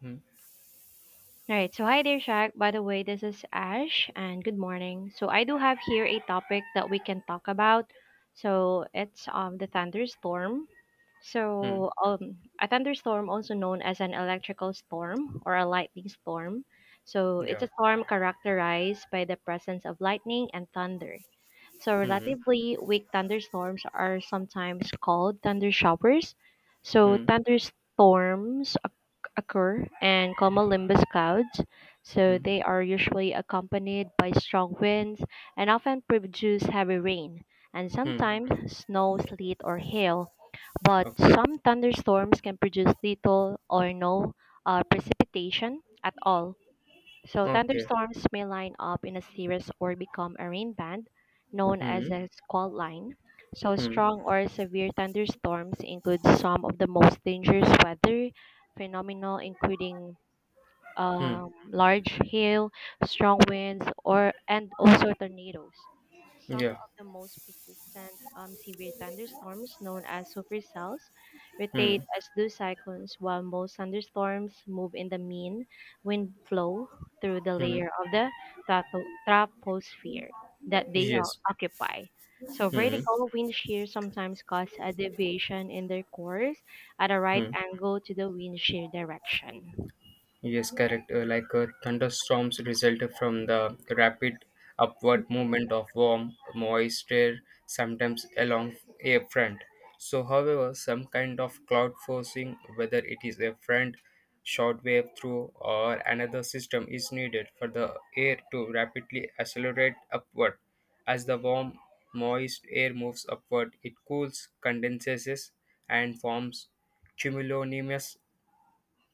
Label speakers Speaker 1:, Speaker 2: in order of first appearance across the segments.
Speaker 1: Hmm.
Speaker 2: All right. So, hi there, Shaq. By the way, this is Ash, and good morning. So, I do have here a topic that we can talk about. So it's the thunderstorm.
Speaker 1: Hmm.
Speaker 2: So, a thunderstorm, also known as an electrical storm or a lightning storm. So, it's
Speaker 1: Yeah.
Speaker 2: a storm characterized by the presence of lightning and thunder. So
Speaker 1: Hmm.
Speaker 2: relatively weak thunderstorms are sometimes called thunder showers. So
Speaker 1: Hmm.
Speaker 2: thunderstorms occur and cumulonimbus clouds. So
Speaker 1: Hmm.
Speaker 2: they are usually accompanied by strong winds and often produce heavy rain and
Speaker 1: Hmm.
Speaker 2: sometimes snow, sleet, or hail. But
Speaker 1: Okay.
Speaker 2: some thunderstorms can produce little or no precipitation at all. So
Speaker 1: Okay.
Speaker 2: thunderstorms may line up in a series or become a rain band, known
Speaker 1: Hmm.
Speaker 2: as a squall line. So
Speaker 1: Hmm.
Speaker 2: strong or severe thunderstorms include some of the most dangerous weather phenomena, including
Speaker 1: Hmm.
Speaker 2: large hail, strong winds, or and also tornadoes. Some
Speaker 1: Yeah.
Speaker 2: of the most persistent severe thunderstorms, known as supercells,
Speaker 1: Hmm.
Speaker 2: rotate as do cyclones, while most thunderstorms move in the mean wind flow through the
Speaker 1: Hmm.
Speaker 2: layer of the troposphere that they
Speaker 1: Yes.
Speaker 2: occupy. So
Speaker 1: Hmm.
Speaker 2: vertical wind shear sometimes cause a deviation in their course at a right
Speaker 1: Hmm.
Speaker 2: angle to the wind shear direction.
Speaker 1: Yes, correct. Thunderstorms result from the rapid upward movement of warm, moist air, sometimes along a front. So, however, some kind of cloud forcing, whether it is a front, short wave through, or another system, is needed for the air to rapidly accelerate upward. As the warm, moist air moves upward, it cools, condenses, and forms cumulonimbus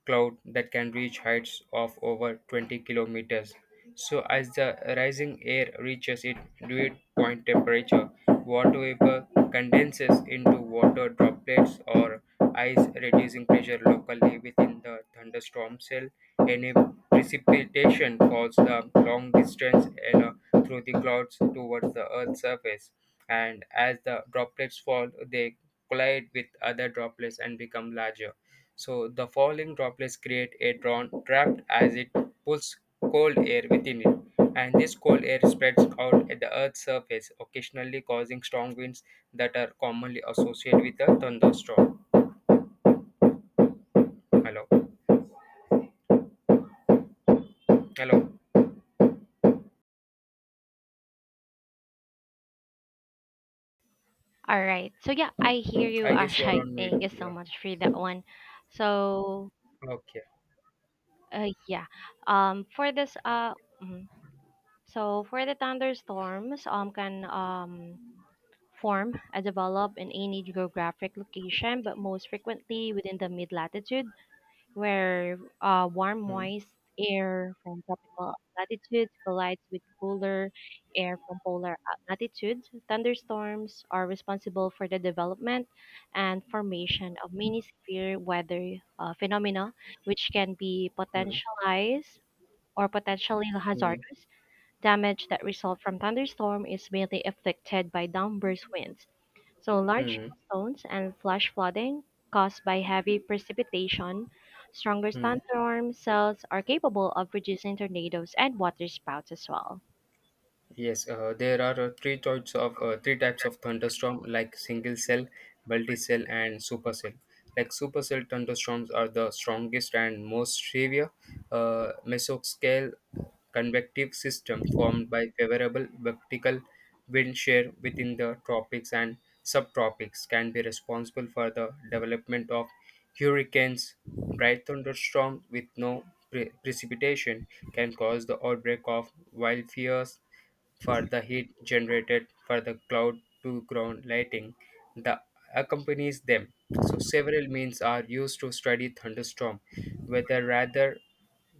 Speaker 1: cloud that can reach heights of over 20 kilometers. So, as the rising air reaches its dew point temperature, water vapor condenses into water droplets or ice, reducing pressure locally within the thunderstorm cell. Any precipitation falls the long distance, through the clouds towards the Earth's surface, and as the droplets fall, they collide with other droplets and become larger so the falling droplets create a drawn draft as it pulls cold air within it, and this cold air spreads out at the Earth's surface, occasionally causing strong winds that are commonly associated with a thunderstorm. Hello, hello.
Speaker 2: All right. So yeah, I hear you,
Speaker 1: I guess you're
Speaker 2: Ashai.
Speaker 1: on mute.
Speaker 2: Thank you so
Speaker 1: Yeah.
Speaker 2: much for that one. So
Speaker 1: Okay.
Speaker 2: yeah, for this mhm. so for the thunderstorms, can form and develop in any geographic location, but most frequently within the mid latitude where warm,
Speaker 1: Hmm.
Speaker 2: moist air from tropical latitudes collides with cooler air from polar latitudes. Thunderstorms are responsible for the development and formation of many severe weather phenomena, which can be
Speaker 1: Hmm.
Speaker 2: potentialized or potentially
Speaker 1: Hmm.
Speaker 2: hazardous. Damage that result from thunderstorm is mainly affected by downburst winds, so large
Speaker 1: Hmm.
Speaker 2: hailstones and flash flooding caused by heavy precipitation. Stronger
Speaker 1: Hmm.
Speaker 2: thunderstorm cells are capable of producing tornadoes and water spouts as well.
Speaker 1: Yes, there are three types of thunderstorm, like single cell, multi cell, and supercell. Like supercell thunderstorms are the strongest and most severe mesoscale convective system formed by favorable vertical wind shear within the tropics and subtropics can be responsible for the development of hurricanes. Dry thunderstorms with no precipitation can cause the outbreak of wildfires for the heat generated for the cloud to ground lighting that accompanies them. So several means are used to study thunderstorm, weather rather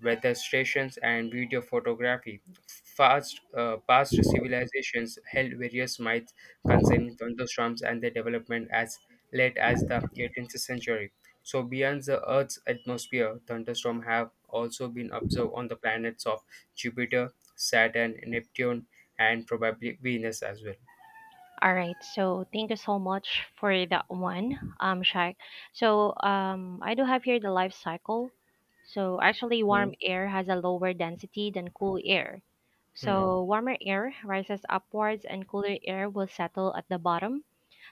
Speaker 1: weather stations and video photography. Past civilizations held various myths concerning thunderstorms and their development as late as the 18th century. So, beyond the Earth's atmosphere, thunderstorms have also been observed on the planets of Jupiter, Saturn, Neptune, and probably Venus as well.
Speaker 2: All right, so thank you so much for that one, Shaq. So I do have here the life cycle. So actually, warm
Speaker 1: Hmm.
Speaker 2: air has a lower density than cool air. So
Speaker 1: Hmm.
Speaker 2: warmer air rises upwards, and cooler air will settle at the bottom.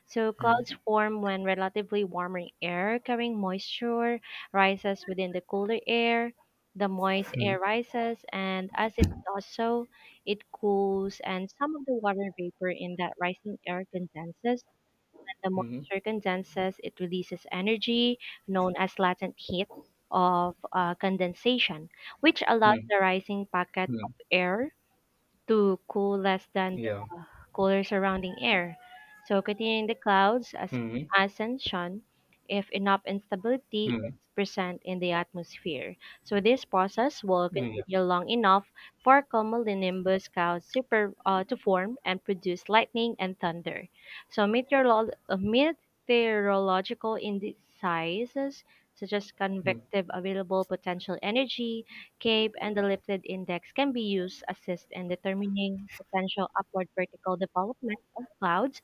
Speaker 2: So clouds
Speaker 1: Hmm.
Speaker 2: form when relatively warmer air carrying moisture rises within the cooler air. The moist
Speaker 1: Hmm.
Speaker 2: air rises, and as it does so, it cools, and some of the water vapor in that rising air condenses. And the
Speaker 1: Hmm.
Speaker 2: moisture condenses, it releases energy known as latent heat of condensation, which allows
Speaker 1: Hmm.
Speaker 2: the rising packet of
Speaker 1: Hmm.
Speaker 2: air to cool less than
Speaker 1: Yeah.
Speaker 2: cooler surrounding air, so continuing the clouds as
Speaker 1: Hmm.
Speaker 2: ascension if enough instability
Speaker 1: Hmm.
Speaker 2: is present in the atmosphere. So this process will
Speaker 1: Yeah.
Speaker 2: continue long enough for cumulonimbus clouds to form and produce lightning and thunder. So meteorological indices such as
Speaker 1: Hmm.
Speaker 2: convective available potential energy, cape, and the lifted index can be used assist in determining potential upward vertical development of clouds.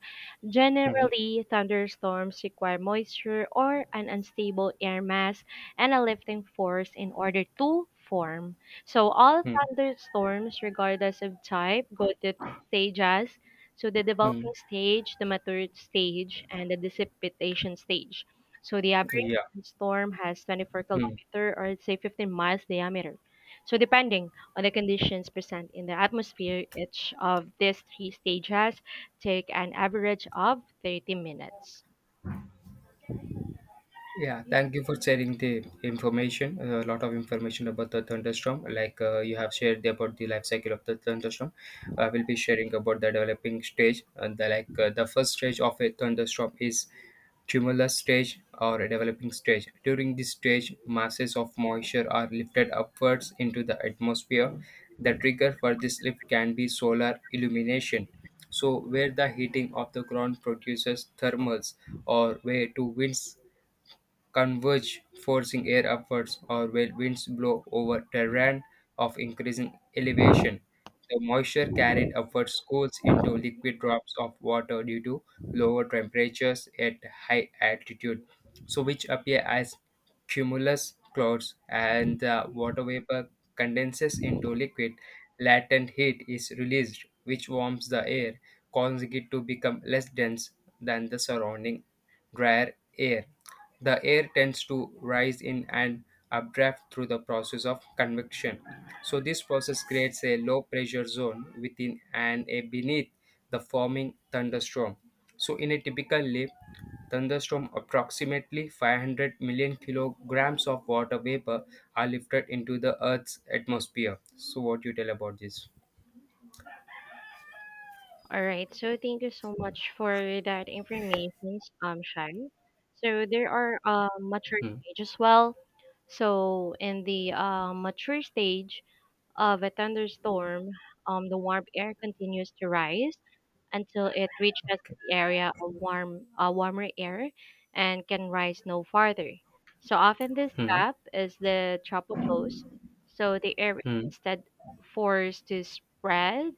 Speaker 1: Hmm.
Speaker 2: Generally, thunderstorms require moisture or an unstable air mass and a lifting force in order to form. So, all
Speaker 1: Hmm.
Speaker 2: thunderstorms, regardless of type, go to three stages. So, the
Speaker 1: Hmm.
Speaker 2: developing stage, the mature stage, and the dissipation stage. So, the average
Speaker 1: Yeah.
Speaker 2: storm has 24 kilometer or say 15 miles diameter. So, depending on the conditions present in the atmosphere, each of these three stages take an average of 30 minutes.
Speaker 1: Yeah, thank you for sharing the information. A lot of information about the thunderstorm, you have shared about the life cycle of the thunderstorm. I will be sharing about the developing stage. And the first stage of a thunderstorm is tumulus stage or a developing stage. During this stage, masses of moisture are lifted upwards into the atmosphere. The trigger for this lift can be solar illumination. So, where the heating of the ground produces thermals, or where two winds converge, forcing air upwards, or when winds blow over terrain of increasing elevation. The moisture carried upwards cools into liquid drops of water due to lower temperatures at high altitude, so which appear as cumulus clouds, and the water vapor condenses into liquid. Latent heat is released, which warms the air, causing it to become less dense than the surrounding drier air. The air tends to rise in an updraft through the process of convection. So this process creates a low pressure zone within and a beneath the forming thunderstorm. So in a typical leaf, thunderstorm approximately 500 million kilograms of water vapor are lifted into the earth's atmosphere. So what do you tell about this?
Speaker 2: All right, so thank you so much for that information, Shai. So there are mature stage as well. So in the mature stage of a thunderstorm, the warm air continues to rise until it reaches the area of warmer air and can rise no farther. So often this
Speaker 1: Hmm.
Speaker 2: gap is the tropopause, so the air is
Speaker 1: Hmm.
Speaker 2: instead forced to spread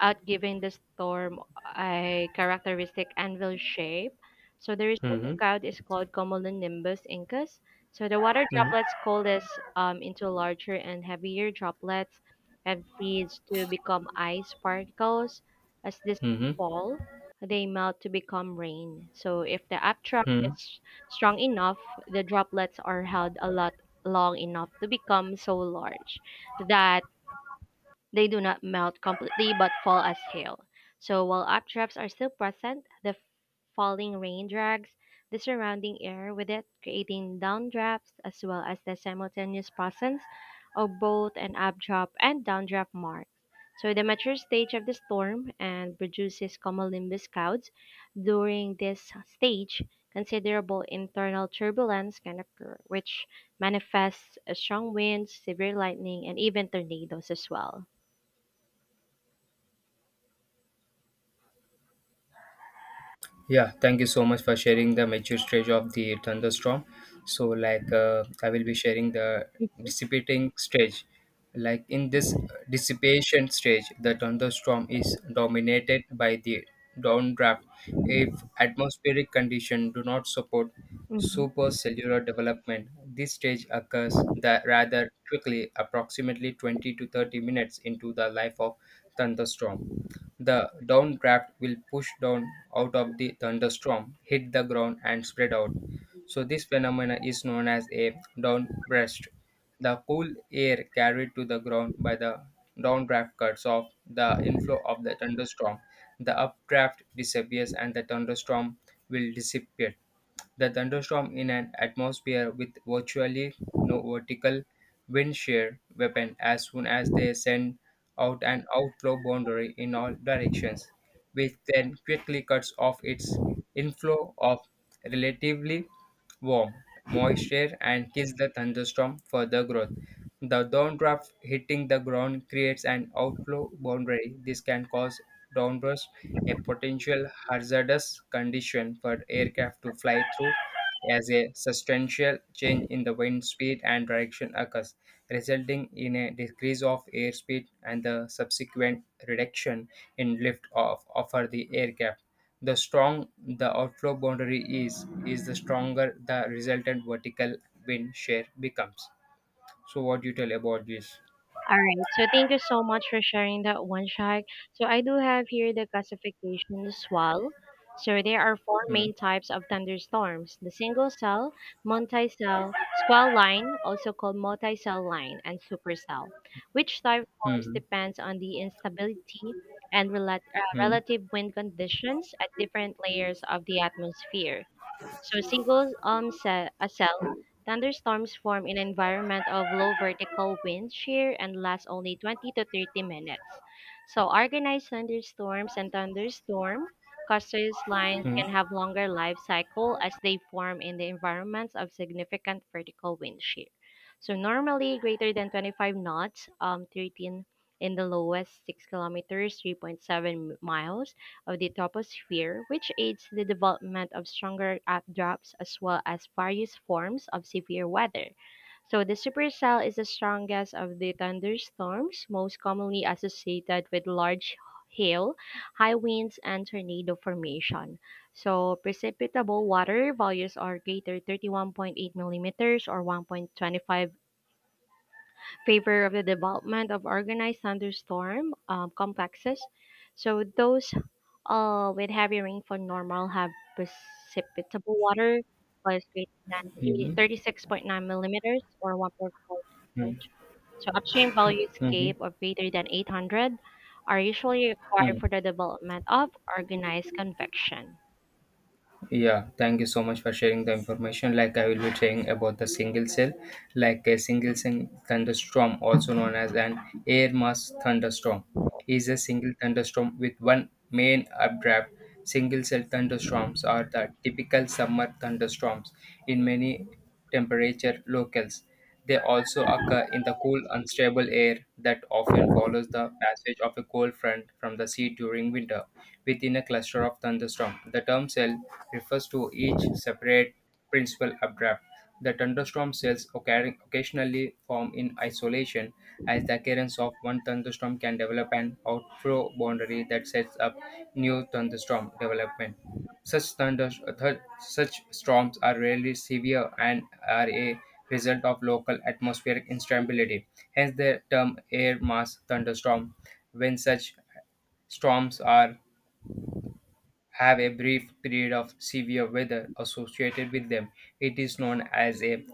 Speaker 2: outgiving the storm a characteristic anvil shape. So the resulting
Speaker 1: Hmm.
Speaker 2: cloud is called cumulonimbus incus. So the water
Speaker 1: Hmm.
Speaker 2: droplets coalesce into larger and heavier droplets and freeze to become ice particles. As this
Speaker 1: Hmm. Hmm.
Speaker 2: fall, they melt to become rain. So if the updraft
Speaker 1: Hmm.
Speaker 2: is strong enough, the droplets are held a lot long enough to become so large that they do not melt completely but fall as hail. So while updrafts are still present, the falling rain drags the surrounding air with it, creating downdrafts as well as the simultaneous presence of both an updraft and downdraft mark. So the mature stage of the storm and produces cumulonimbus clouds. During this stage, considerable internal turbulence can occur, which manifests as strong winds, severe lightning, and even tornadoes as well.
Speaker 1: Yeah, thank you so much for sharing the mature stage of the thunderstorm. So, I will be sharing the dissipating stage. Like, in this dissipation stage, the thunderstorm is dominated by the downdraft. If atmospheric conditions do not support
Speaker 2: Mhm.
Speaker 1: supercellular development, this stage occurs that rather quickly, approximately 20 to 30 minutes into the life of thunderstorm. The downdraft will push down out of the thunderstorm, hit the ground, and spread out. So, this phenomena is known as a downburst. The cool air carried to the ground by the downdraft cuts off the inflow of the thunderstorm. The updraft disappears and the thunderstorm will disappear. The thunderstorm in an atmosphere with virtually no vertical wind shear weapon as soon as they send out an outflow boundary in all directions, which then quickly cuts off its inflow of relatively warm, moisture, and kiss the thunderstorm further growth. The downdraft hitting the ground creates an outflow boundary. This can cause downburst, a potential hazardous condition for aircraft to fly through as a substantial change in the wind speed and direction occurs, resulting in a decrease of airspeed and the subsequent reduction in lift off offer the aircraft. The strong the outflow boundary is the stronger the resultant vertical wind shear becomes. So what do you tell about this?
Speaker 2: All right. So thank you so much for sharing that one, Shag. So I do have here the classification as well. So there are four
Speaker 1: Hmm.
Speaker 2: main types of thunderstorms: the single cell, multi-cell, squall line, also called multi-cell line, and supercell. Which type forms
Speaker 1: Hmm.
Speaker 2: depends on the instability and
Speaker 1: Hmm.
Speaker 2: relative wind conditions at different layers of the atmosphere. So a cell thunderstorms form in an environment of low vertical wind shear and last only 20 to 30 minutes. So organized thunderstorms and thunderstorm causes lines
Speaker 1: Hmm.
Speaker 2: can
Speaker 1: Hmm.
Speaker 2: have longer life cycle as they form in the environments of significant vertical wind shear. So normally greater than 25 knots, 13 in the lowest 6 kilometers, 3.7 miles of the troposphere, which aids the development of stronger updrafts as well as various forms of severe weather. So the supercell is the strongest of the thunderstorms, most commonly associated with large hail, high winds, and tornado formation. So precipitable water values are greater 31.8 millimeters or 1.25 favor of the development of organized thunderstorm complexes. So those with heavy rainfall, normal have precipitable water was greater than
Speaker 1: Hmm.
Speaker 2: 36.9 millimeters or 1.5
Speaker 1: Hmm.
Speaker 2: inch. So upstream value
Speaker 1: Hmm. Hmm.
Speaker 2: scape of greater than 800 are usually required
Speaker 1: Hmm.
Speaker 2: for the development of organized convection.
Speaker 1: Yeah, thank you so much for sharing the information. Like I will be sharing about the single cell, like a single cell thunderstorm, also known as an air mass thunderstorm, is a single thunderstorm with one main updraft. Single cell thunderstorms are the typical summer thunderstorms in many temperature locales. They also occur in the cool, unstable air that often follows the passage of a cold front from the sea during winter within a cluster of thunderstorms. The term cell refers to each separate principal updraft. The thunderstorm cells occasionally form in isolation, as the occurrence of one thunderstorm can develop an outflow boundary that sets up new thunderstorm development. Such thunder, Such storms are rarely severe and are a result of local atmospheric instability. Hence the term air mass thunderstorm. When such storms are have a brief period of severe weather associated with them, it is known as a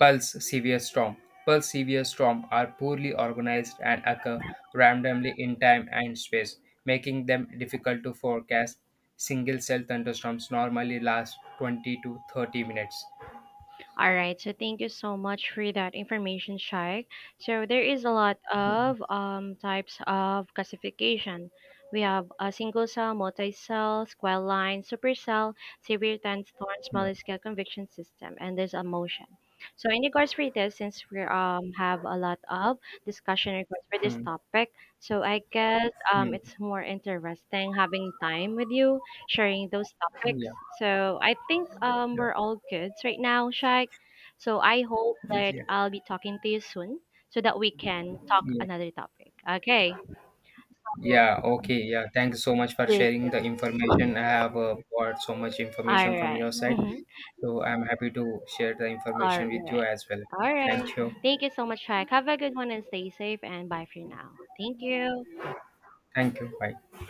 Speaker 1: Pulse severe storm. Pulse severe storm are poorly organized and occur randomly in time and space, making them difficult to forecast. Single cell thunderstorms normally last 20 to 30 minutes.
Speaker 2: All right, so thank you so much for that information, Shaikh. So there is a lot of types of classification. We have a single cell, multi-cell, square line, supercell, severe thorn, small scale convection system, and there's a motion. So in regards for this, since we have a lot of discussion in regards for this
Speaker 1: Hmm.
Speaker 2: topic, so I guess
Speaker 1: Hmm.
Speaker 2: it's more interesting having time with you sharing those
Speaker 1: Yeah.
Speaker 2: topics. So I think we're all good right now, Shaq. So I hope that
Speaker 1: Yeah.
Speaker 2: I'll be talking to you soon so that we can talk
Speaker 1: Yeah.
Speaker 2: another topic. Okay. So,
Speaker 1: Yeah. Okay. Yeah. Thank you so much for
Speaker 2: yes,
Speaker 1: sharing
Speaker 2: yeah.
Speaker 1: the information. I have got so much
Speaker 2: All
Speaker 1: information from
Speaker 2: right.
Speaker 1: your side.
Speaker 2: Mm-hmm.
Speaker 1: So I'm happy to share the
Speaker 2: All
Speaker 1: information with you
Speaker 2: right.
Speaker 1: as well.
Speaker 2: All right.
Speaker 1: Thank you.
Speaker 2: Thank you so much, Shaq. Have a good one and stay safe and bye for now. Thank you.
Speaker 1: Thank you. Bye.